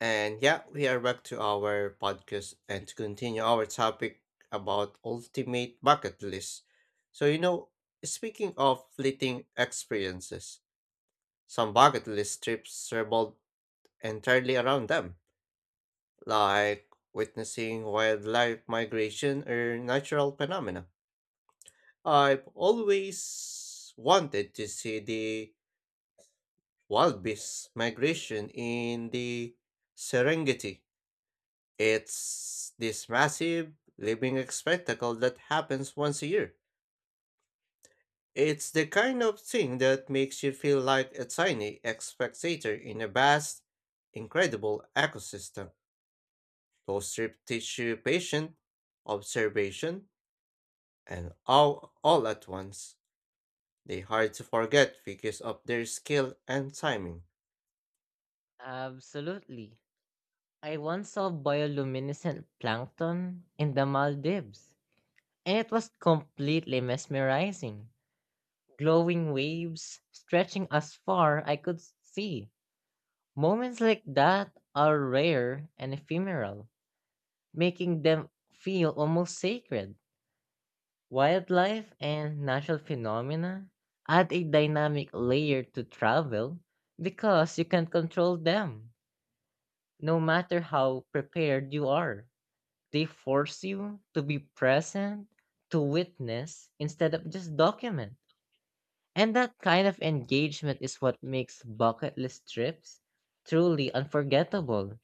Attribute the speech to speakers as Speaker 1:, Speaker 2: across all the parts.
Speaker 1: And yeah, we are back to our podcast and to continue our topic about ultimate bucket list. So, you know, Speaking of fleeting experiences, some bucket list trips revolve entirely around them, like witnessing wildlife migration or natural phenomena. I've always wanted to see the wild beasts migration in the Serengeti. It's this massive living spectacle that happens once a year. It's the kind of thing that makes you feel like a tiny spectator in a vast, incredible ecosystem. Those trips teach you patience, observation, and all at once. They're hard to forget because of their skill and timing.
Speaker 2: Absolutely. I once saw bioluminescent plankton in the Maldives, and it was completely mesmerizing. Glowing waves stretching as far I could see. Moments like that are rare and ephemeral, making them feel almost sacred. Wildlife and natural phenomena add a dynamic layer to travel because you can't control them, no matter how prepared you are. They force you to be present, to witness instead of just document. And that kind of engagement is what makes bucket list trips truly unforgettable.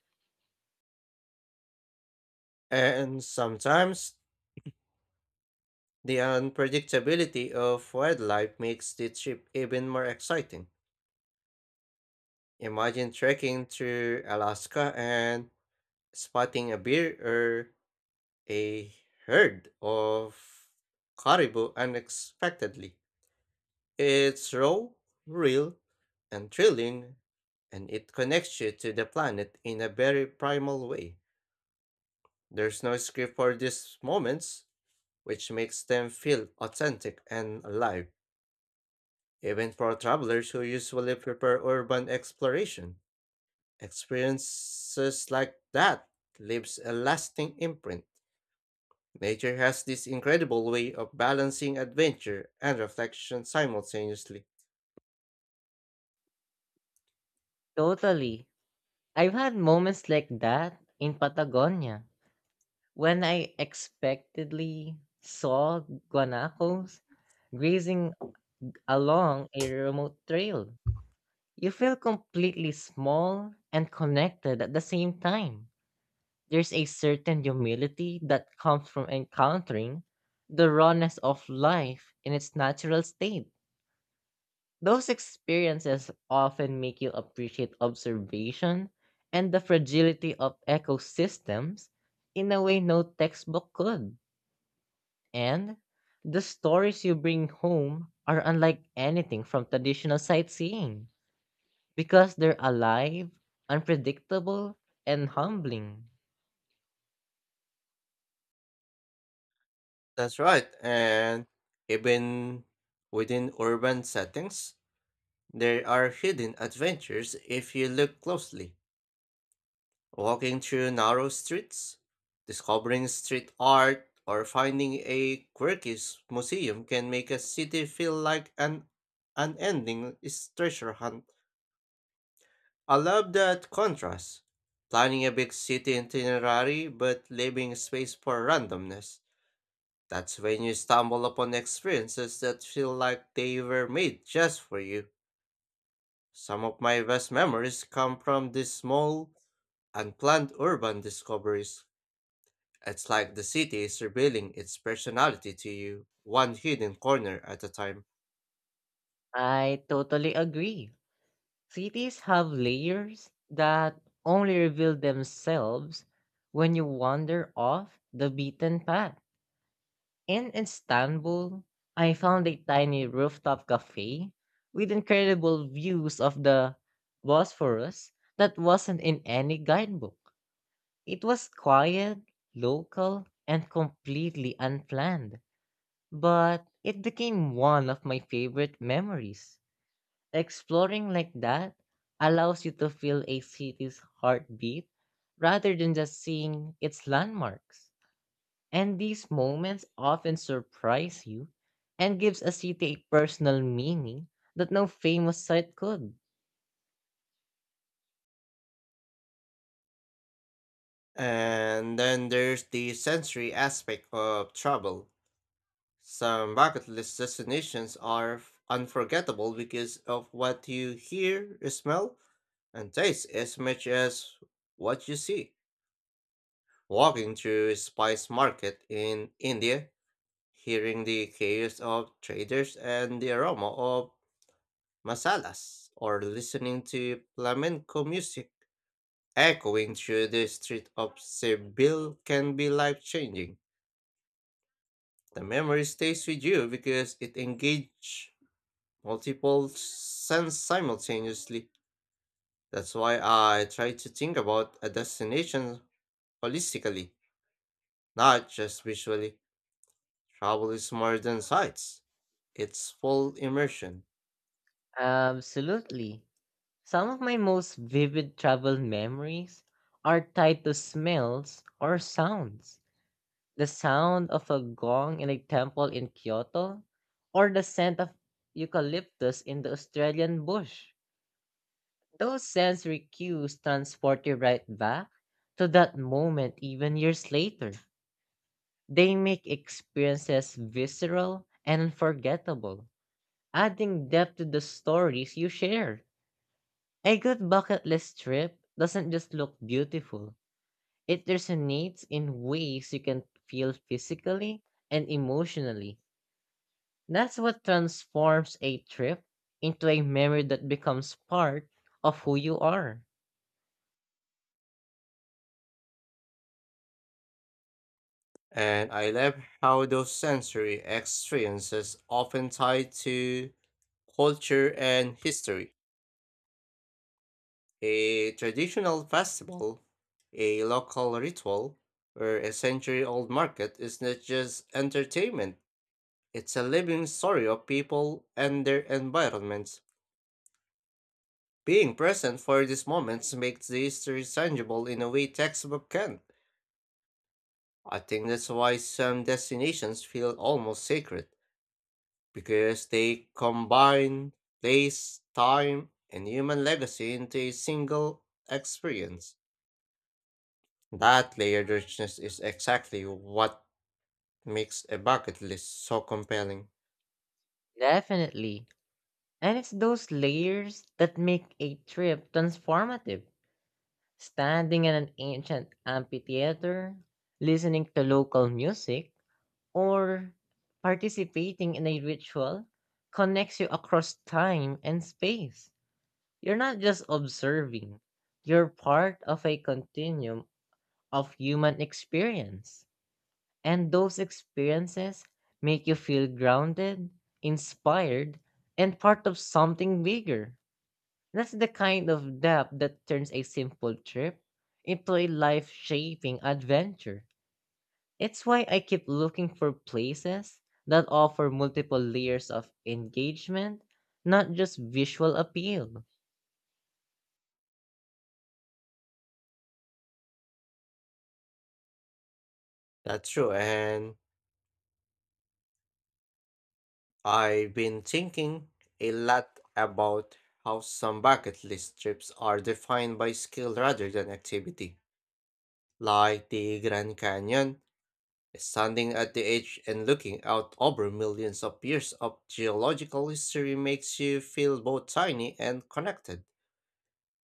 Speaker 1: And sometimes the unpredictability of wildlife makes the trip even more exciting. Imagine trekking through Alaska and spotting a bear or a herd of caribou unexpectedly. It's raw, real, and thrilling, and it connects you to the planet in a very primal way. There's no script for these moments, which makes them feel authentic and alive, even for travelers who usually prefer urban exploration. Experiences like that leaves a lasting imprint. Nature has this incredible way of balancing adventure and reflection simultaneously.
Speaker 2: Totally. I've had moments like that in Patagonia when I expectedly saw guanacos grazing along a remote trail. You feel completely small and connected at the same time. There's a certain humility that comes from encountering the rawness of life in its natural state. Those experiences often make you appreciate observation and the fragility of ecosystems in a way no textbook could. And the stories you bring home are unlike anything from traditional sightseeing because they're alive, unpredictable, and humbling.
Speaker 1: That's right, and even within urban settings, there are hidden adventures if you look closely. Walking through narrow streets, discovering street art, or finding a museum can make a city feel like an treasure hunt. I love that contrast. Planning a big city itinerary but leaving space for randomness. That's when you stumble upon experiences that feel like they were made just for you. Some of my best memories come from these small, unplanned urban discoveries. It's like the city is revealing its personality to you, one hidden corner at a time.
Speaker 2: I totally agree. Cities have layers that only reveal themselves when you wander off the beaten path. In Istanbul, I found a tiny rooftop cafe with incredible views of the Bosphorus that wasn't in any guidebook. It was quiet, local, and completely unplanned, but it became one of my favorite memories. Exploring like that allows you to feel a city's heartbeat rather than just seeing its landmarks. And these moments often surprise you and gives a city a personal meaning that no famous site could.
Speaker 1: And then there's the sensory aspect of travel. Some bucket list destinations are unforgettable because of what you hear, smell, and taste as much as what you see. Walking through a spice market in India, hearing the chaos of traders and the aroma of masalas, or listening to flamenco music echoing through the street of Seville can be life changing. The memory stays with you because it engages multiple sense simultaneously. That's why I try to think about a destination holistically, not just visually. Travel is more than sights, it's full immersion.
Speaker 2: Absolutely. Some of my most vivid travel memories are tied to smells or sounds. The sound of a gong in a temple in Kyoto? Or the scent of eucalyptus in the Australian bush? Those sensory cues transport you right back to that moment, even years later. They make experiences visceral and unforgettable, adding depth to the stories you share. A good bucket list trip doesn't just look beautiful, it resonates in ways you can feel physically and emotionally. That's what transforms a trip into a memory that becomes part of who you are.
Speaker 1: And I love how those sensory experiences often tie to culture and history. A traditional festival, a local ritual, or a century old market is not just entertainment. It's a living story of people and their environments. Being present for these moments makes the history tangible in a way textbook can. I think that's why some destinations feel almost sacred, because they combine place, time, and human legacy into a single experience. That layered richness is exactly what makes a bucket list so compelling.
Speaker 2: Definitely. And it's those layers that make a trip transformative. Standing in an ancient amphitheater, listening to local music, or participating in a ritual connects you across time and space. You're not just observing, you're part of a continuum of human experience. And those experiences make you feel grounded, inspired, and part of something bigger. That's the kind of depth that turns a simple trip into a life shaping adventure. It's why I keep looking for places that offer multiple layers of engagement, not just visual appeal.
Speaker 1: That's true, and I've been thinking a lot about how some bucket list trips are defined by skill rather than activity, like the Grand Canyon, standing at the edge and looking out over millions of years of geological history makes you feel both tiny and connected.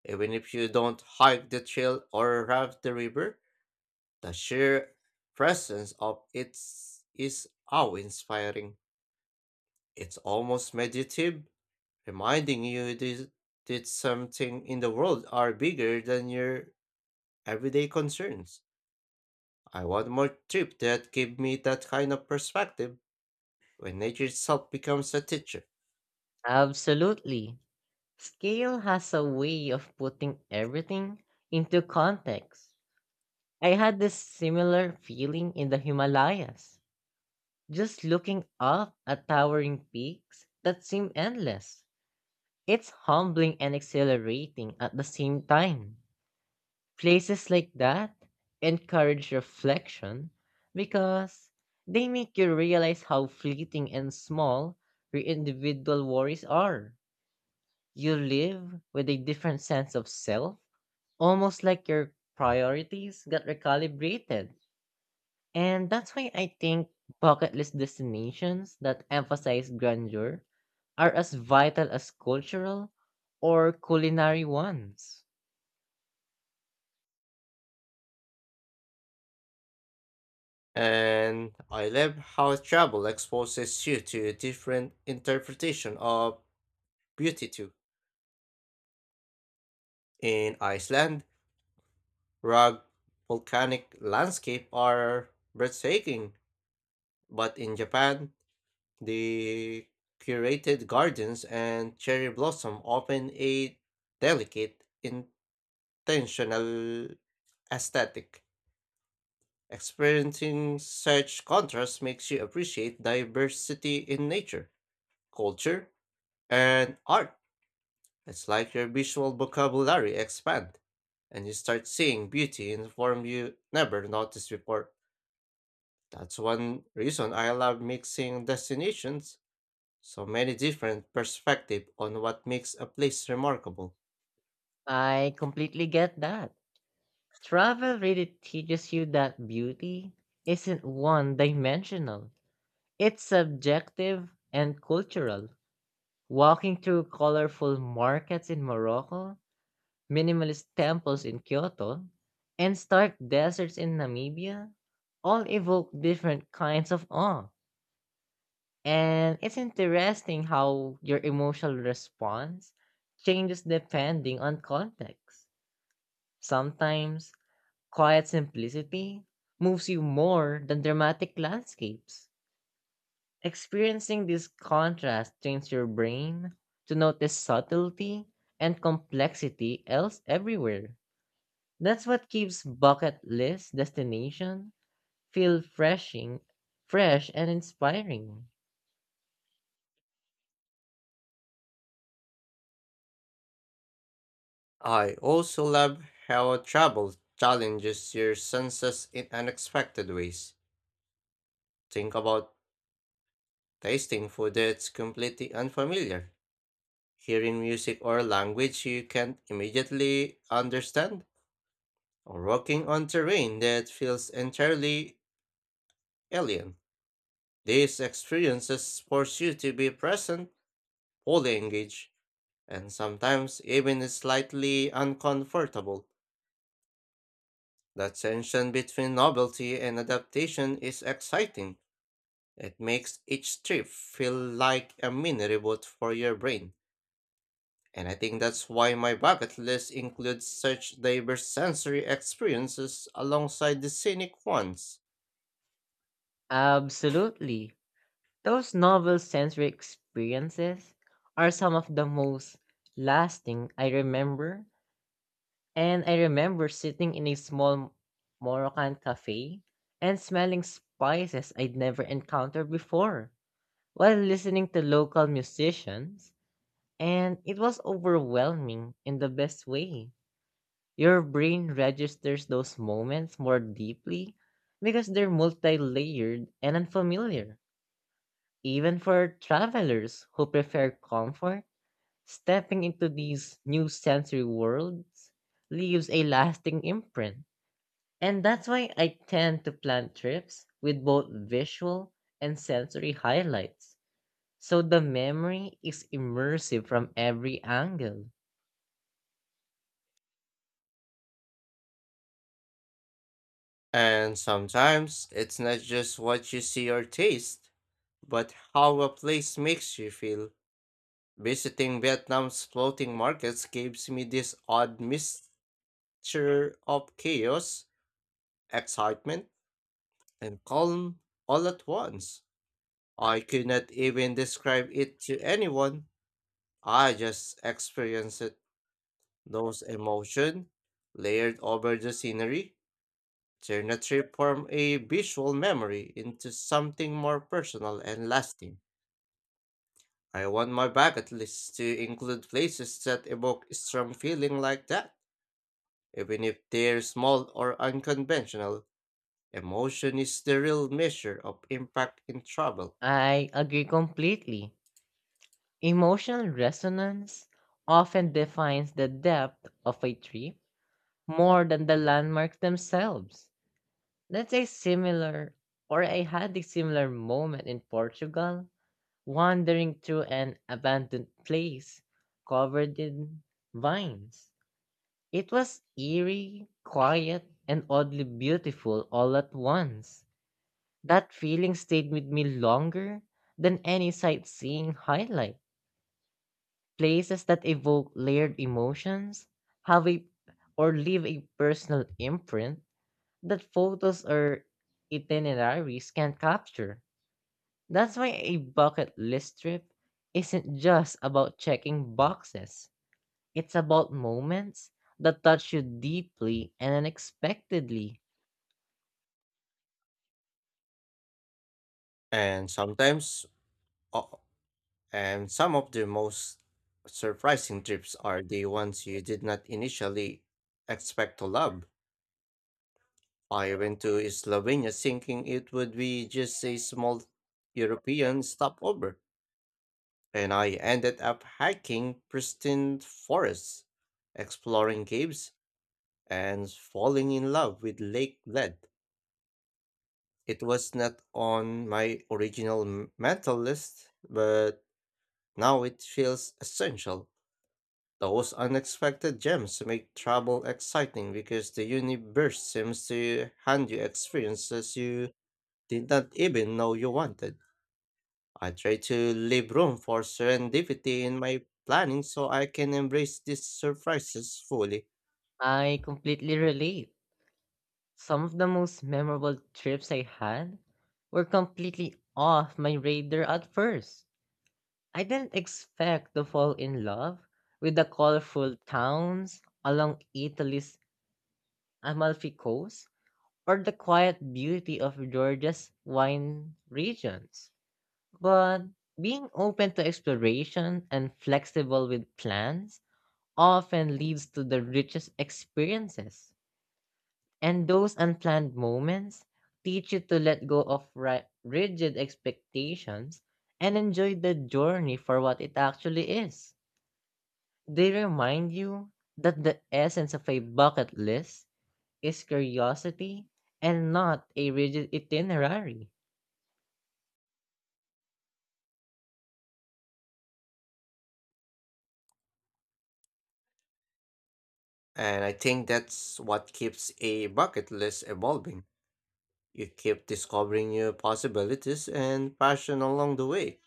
Speaker 1: Even if you don't hike the trail or raft the river, the sheer presence of it is awe-inspiring. It's almost meditative, reminding you this, that something in the world are bigger than your everyday concerns. I want more trip that give me that kind of perspective when nature itself becomes a teacher.
Speaker 2: Absolutely. Scale has a way of putting everything into context. I had this similar feeling in the Himalayas, just looking up at towering peaks that seem endless. It's humbling and exhilarating at the same time. Places like that encourage reflection because they make you realize how fleeting and small your individual worries are. You live with a different sense of self, almost like your priorities got recalibrated. And that's why I think bucket list destinations that emphasize grandeur are as vital as cultural or culinary ones.
Speaker 1: And I love how travel exposes you to a different interpretation of beauty too. In Iceland, rock volcanic landscape are breathtaking, but in Japan, the curated gardens and cherry blossom open a delicate, intentional aesthetic. Experiencing such contrast makes you appreciate diversity in nature, culture, and art. It's like your visual vocabulary expand, and you start seeing beauty in form you never noticed before. That's one reason I love mixing destinations. So many different perspectives on what makes a place remarkable.
Speaker 2: I completely get that. Travel really teaches you that beauty isn't one dimensional, it's subjective and cultural. Walking through colorful markets in Morocco, minimalist temples in Kyoto, and stark deserts in Namibia all evoke different kinds of awe. And it's interesting how your emotional response changes depending on context. Sometimes, quiet simplicity moves you more than dramatic landscapes. Experiencing this contrast trains your brain to notice subtlety and complexity else everywhere. That's what keeps bucket list destination feel freshing, fresh and inspiring.
Speaker 1: I also love how travel challenges your senses in unexpected ways. Think about tasting food that's completely unfamiliar, hearing music or language you can't immediately understand, or walking on terrain that feels entirely alien. These experiences force you to be present, fully engaged, and sometimes even is slightly uncomfortable. The tension between novelty and adaptation is exciting. It makes each trip feel like a mini reboot for your brain. And I think that's why my bucket list includes such diverse sensory experiences alongside the scenic ones.
Speaker 2: Absolutely. Those novel sensory experiences are some of the most lasting I remember. And I remember sitting in a small Moroccan cafe and smelling spices I'd never encountered before while listening to local musicians, and it was overwhelming in the best way. Your brain registers those moments more deeply because they're multi layered and unfamiliar. Even for travelers who prefer comfort, stepping into these new sensory worlds leaves a lasting imprint. And that's why I tend to plan trips with both visual and sensory highlights. So the memory is immersive from every angle.
Speaker 1: And sometimes it's not just what you see or taste, but how a place makes you feel. Visiting Vietnam's floating markets gives me this odd mixture of chaos, excitement, and calm all at once. I could not even describe it to anyone. I just experienced it. Those emotions, layered over the scenery, turn a trip from a visual memory into something more personal and lasting. I want my bucket list to include places that evoke strong feeling like that. Even if they're small or unconventional, emotion is the real measure of impact in travel.
Speaker 2: I agree completely. Emotional resonance often defines the depth of a trip more than the landmarks themselves. Let's say similar, or I had a similar moment in Portugal, wandering through an abandoned place covered in vines. It was eerie, quiet, and oddly beautiful all at once. That feeling stayed with me longer than any sightseeing highlight. Places that evoke layered emotions, have a or leave a personal imprint that photos or itineraries can't capture. That's why a bucket list trip isn't just about checking boxes. It's about moments that touch you deeply and unexpectedly.
Speaker 1: And sometimes, o- and some of the most surprising trips are the ones you did not initially expect to love. I went to Slovenia thinking it would be just a small European stopover, and I ended up hiking pristine forests, exploring caves, and falling in love with Lake Led. It was not on my mental list, but now it feels essential. Those unexpected gems make travel exciting because the universe seems to hand you experiences you did not even know you wanted. I try to leave room for serendipity in my planning so I can embrace these surprises fully.
Speaker 2: I completely relate. Some of the most memorable trips I had were completely off my radar at first. I didn't expect to fall in love with the colorful towns along Italy's Amalfi Coast or the quiet beauty of Georgia's wine regions. But being open to exploration and flexible with plans often leads to the richest experiences. And those unplanned moments teach you to let go of rigid expectations and enjoy the journey for what it actually is. They remind you that the essence of a bucket list is curiosity and not a rigid itinerary.
Speaker 1: And I think that's what keeps a bucket list evolving. You keep discovering new possibilities and passion along the way.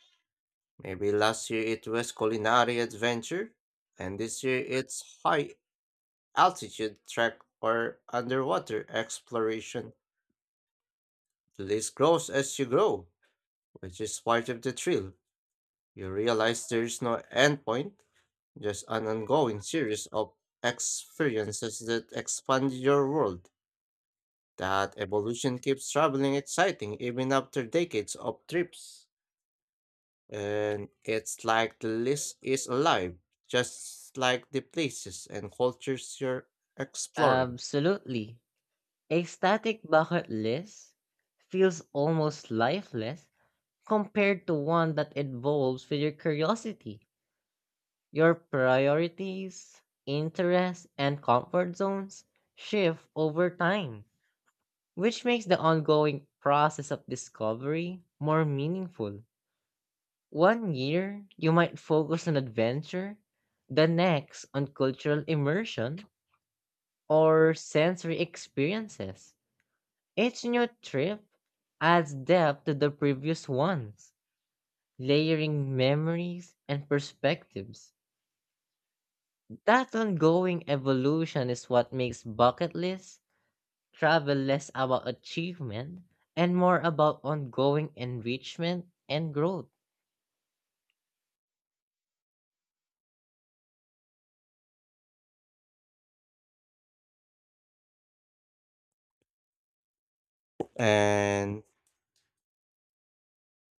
Speaker 1: Maybe last year it was culinary adventure, and this year it's high altitude trek or underwater exploration. The list grows as you grow, which is part of the thrill. You realize there's no end point, just an ongoing series of experiences that expand your world. That evolution keeps traveling exciting even after decades of trips. And it's like the list is alive, just like the places and cultures you're exploring.
Speaker 2: Absolutely. A static bucket list feels almost lifeless compared to one that involves with your curiosity. Your priorities, interests, and comfort zones shift over time, which makes the ongoing process of discovery more meaningful. One year, you might focus on adventure, the next on cultural immersion or sensory experiences. Each new trip adds depth to the previous ones, layering memories and perspectives. That ongoing evolution is what makes bucket lists travel less about achievement and more about ongoing enrichment and growth.
Speaker 1: And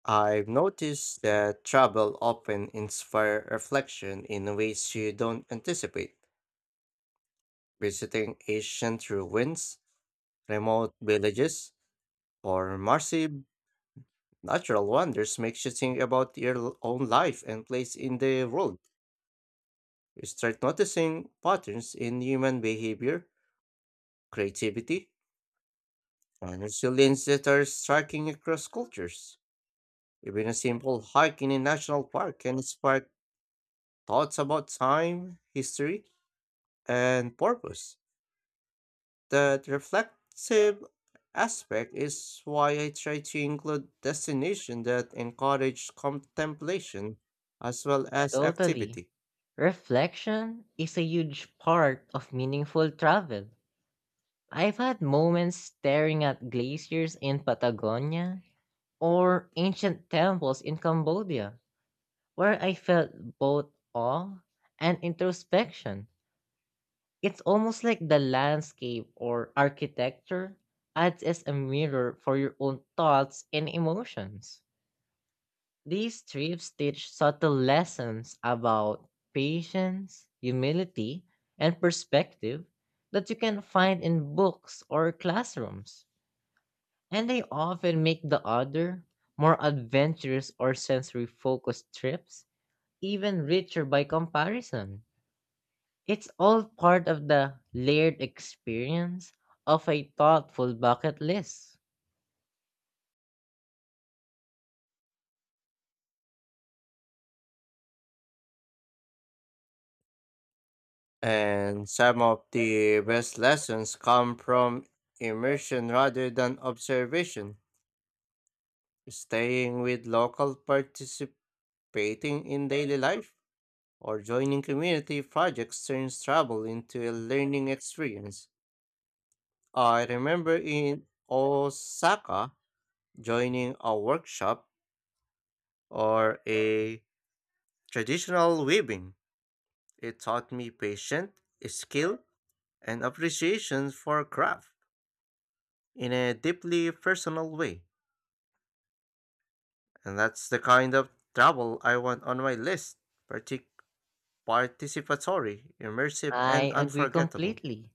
Speaker 1: I've noticed that travel often inspire reflection in ways you don't anticipate. Visiting ancient ruins, remote villages, or massive natural wonders makes you think about your own life and place in the world. You start noticing patterns in human behavior, creativity, and resilience that are striking across cultures. Even a simple hike in a national park can spark thoughts about time, history, and purpose. That reflective aspect is why I try to include destinations that encourage contemplation as well as
Speaker 2: Totally.
Speaker 1: activity.
Speaker 2: Reflection is a huge part of meaningful travel. I've had moments staring at glaciers in Patagonia or ancient temples in Cambodia where I felt both awe and introspection. It's almost like the landscape or architecture acts as a mirror for your own thoughts and emotions. These trips teach subtle lessons about patience, humility, and perspective that you can find in books or classrooms. And they often make the other, more adventurous or sensory focused trips even richer by comparison. It's all part of the layered experience of a thoughtful bucket list.
Speaker 1: And some of the best lessons come from immersion rather than observation. Staying with local participants, painting in daily life, or joining community projects turns travel into a learning experience. I remember in Osaka joining a workshop or a traditional weaving. It taught me patience, skill, and appreciation for craft in a deeply personal way. And that's the kind of travel I want on my list, partic- participatory, immersive, and
Speaker 2: I agree
Speaker 1: unforgettable.
Speaker 2: completely.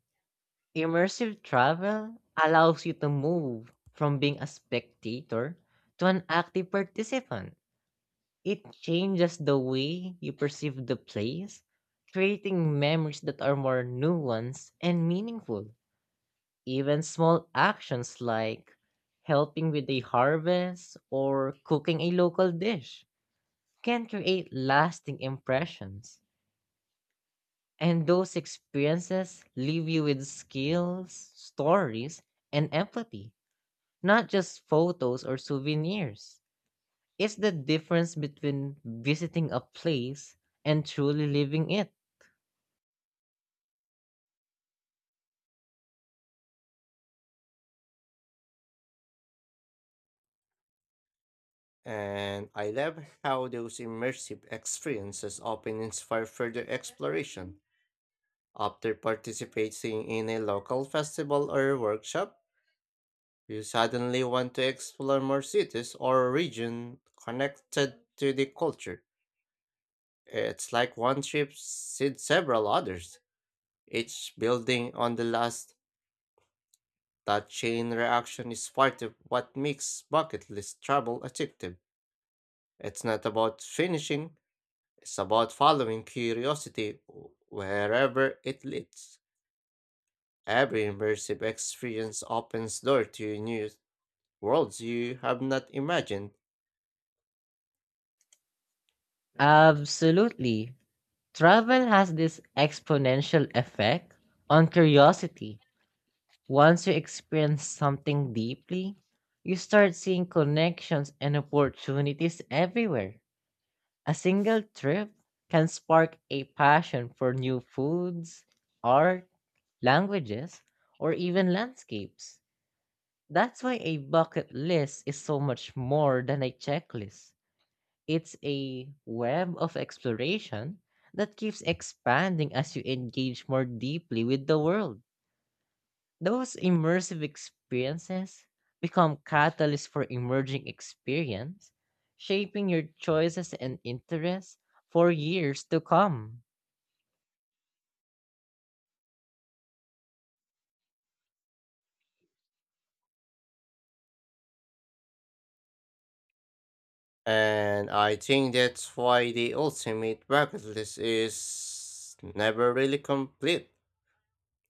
Speaker 2: Immersive travel allows you to move from being a spectator to an active participant. It changes the way you perceive the place, creating memories that are more nuanced and meaningful. Even small actions like helping with a harvest or cooking a local dish can create lasting impressions. And those experiences leave you with skills, stories, and empathy, not just photos or souvenirs. It's the difference between visiting a place and truly living it.
Speaker 1: And I love how those immersive experiences often inspire further exploration. After participating in a local festival or workshop, you suddenly want to explore more cities or regions connected to the culture. It's like one trip seeds several others, each building on the last. That chain reaction is part of what makes bucket list travel addictive. It's not about finishing, it's about following curiosity wherever it leads. Every immersive experience opens door to new worlds you have not imagined.
Speaker 2: Absolutely. Travel has this exponential effect on curiosity. Once you experience something deeply, you start seeing connections and opportunities everywhere. A single trip can spark a passion for new foods, art, languages, or even landscapes. That's why a bucket list is so much more than a checklist. It's a web of exploration that keeps expanding as you engage more deeply with the world. Those immersive experiences become catalysts for emerging experience, shaping your choices and interests for years to come.
Speaker 1: And I think that's why the ultimate bucket list is never really complete.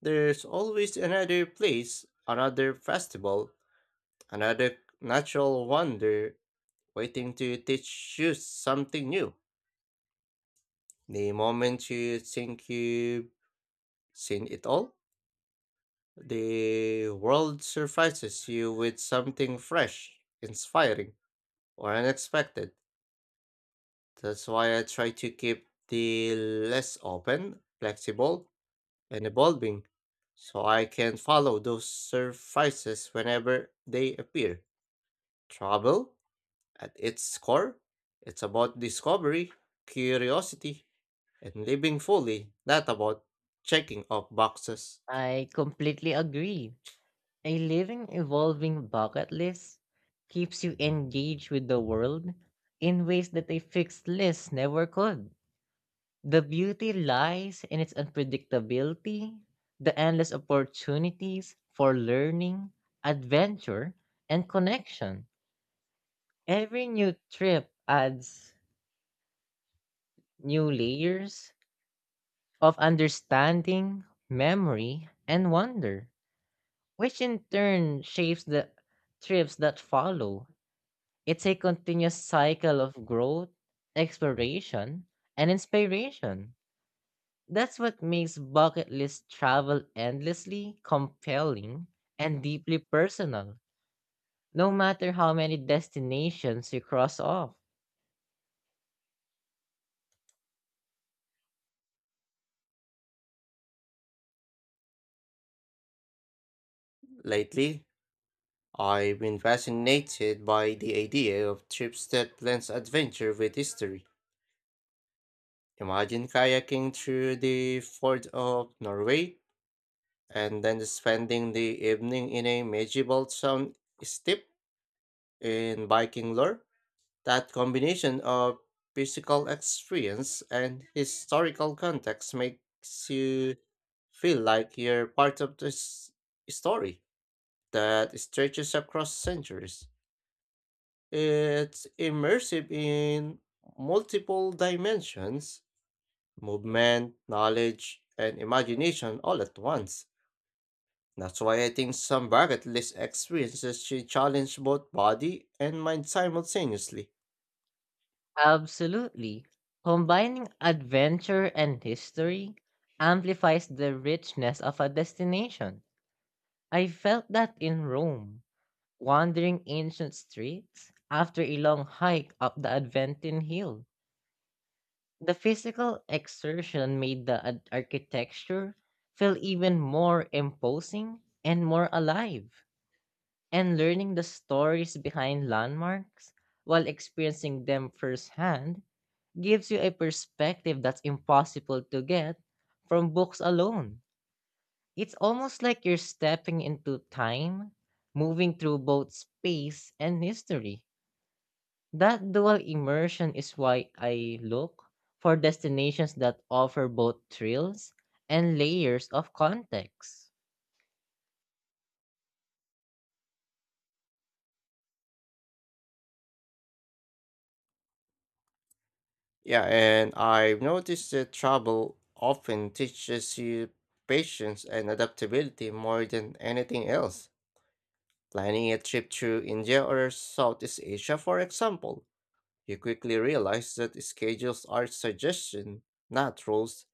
Speaker 1: There's always another place, another festival, another natural wonder waiting to teach you something new. The moment you think you've seen it all, the world surprises you with something fresh, inspiring, or unexpected. That's why I try to keep the less open, flexible, and evolving, so I can follow those surprises whenever they appear. Travel, at its core, it's about discovery, curiosity, and living fully, not about checking off boxes.
Speaker 2: I completely agree. A living, evolving bucket list keeps you engaged with the world in ways that a fixed list never could. The beauty lies in its unpredictability, the endless opportunities for learning, adventure, and connection. Every new trip adds new layers of understanding, memory, and wonder, which in turn shapes the trips that follow. It's a continuous cycle of growth, exploration, and inspiration. That's what makes bucket list travel endlessly compelling and deeply personal, no matter how many destinations you cross off.
Speaker 1: Lately, I've been fascinated by the idea of trips that blends adventure with history. Imagine kayaking through the fjords of Norway and then spending the evening in a medieval town steep in Viking lore. That combination of physical experience and historical context makes you feel like you're part of this story that stretches across centuries. It's immersive in multiple dimensions, movement, knowledge, and imagination all at once. That's why I think some bucket list experiences should challenge both body and mind simultaneously.
Speaker 2: Absolutely. Combining adventure and history amplifies the richness of a destination. I felt that in Rome, wandering ancient streets after a long hike up the Adventine Hill. The physical exertion made the architecture feel even more imposing and more alive. And learning the stories behind landmarks while experiencing them firsthand gives you a perspective that's impossible to get from books alone. It's almost like you're stepping into time, moving through both space and history. That dual immersion is why I look for destinations that offer both thrills and layers of context.
Speaker 1: Yeah, and I've noticed that travel often teaches you patience and adaptability more than anything else. Planning a trip to India or Southeast Asia, for example, you quickly realize that schedules are suggestions, not rules.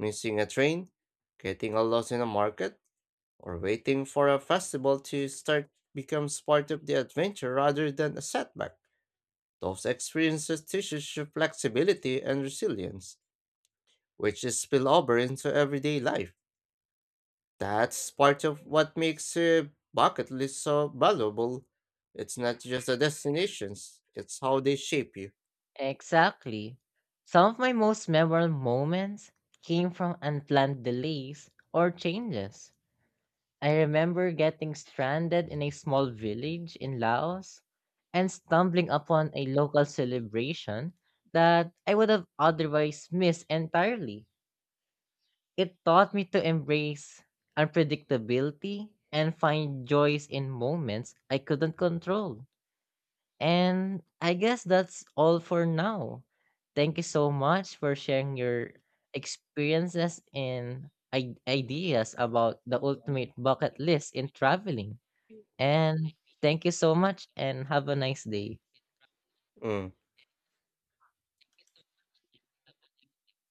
Speaker 1: Missing a train, getting a lost in a market, or waiting for a festival to start becomes part of the adventure rather than a setback. Those experiences teach us flexibility and resilience, which is spill over into everyday life. That's part of what makes a bucket list so valuable. It's not just the destinations, it's how they shape you.
Speaker 2: Exactly. Some of my most memorable moments came from unplanned delays or changes. I remember getting stranded in a small village in Laos and stumbling upon a local celebration that I would have otherwise missed entirely. It taught me to embrace unpredictability and find joys in moments I couldn't control. And I guess that's all for now. Thank you so much for sharing your experiences and ideas about the ultimate bucket list in traveling. And thank you so much and have a nice day.
Speaker 1: Mm.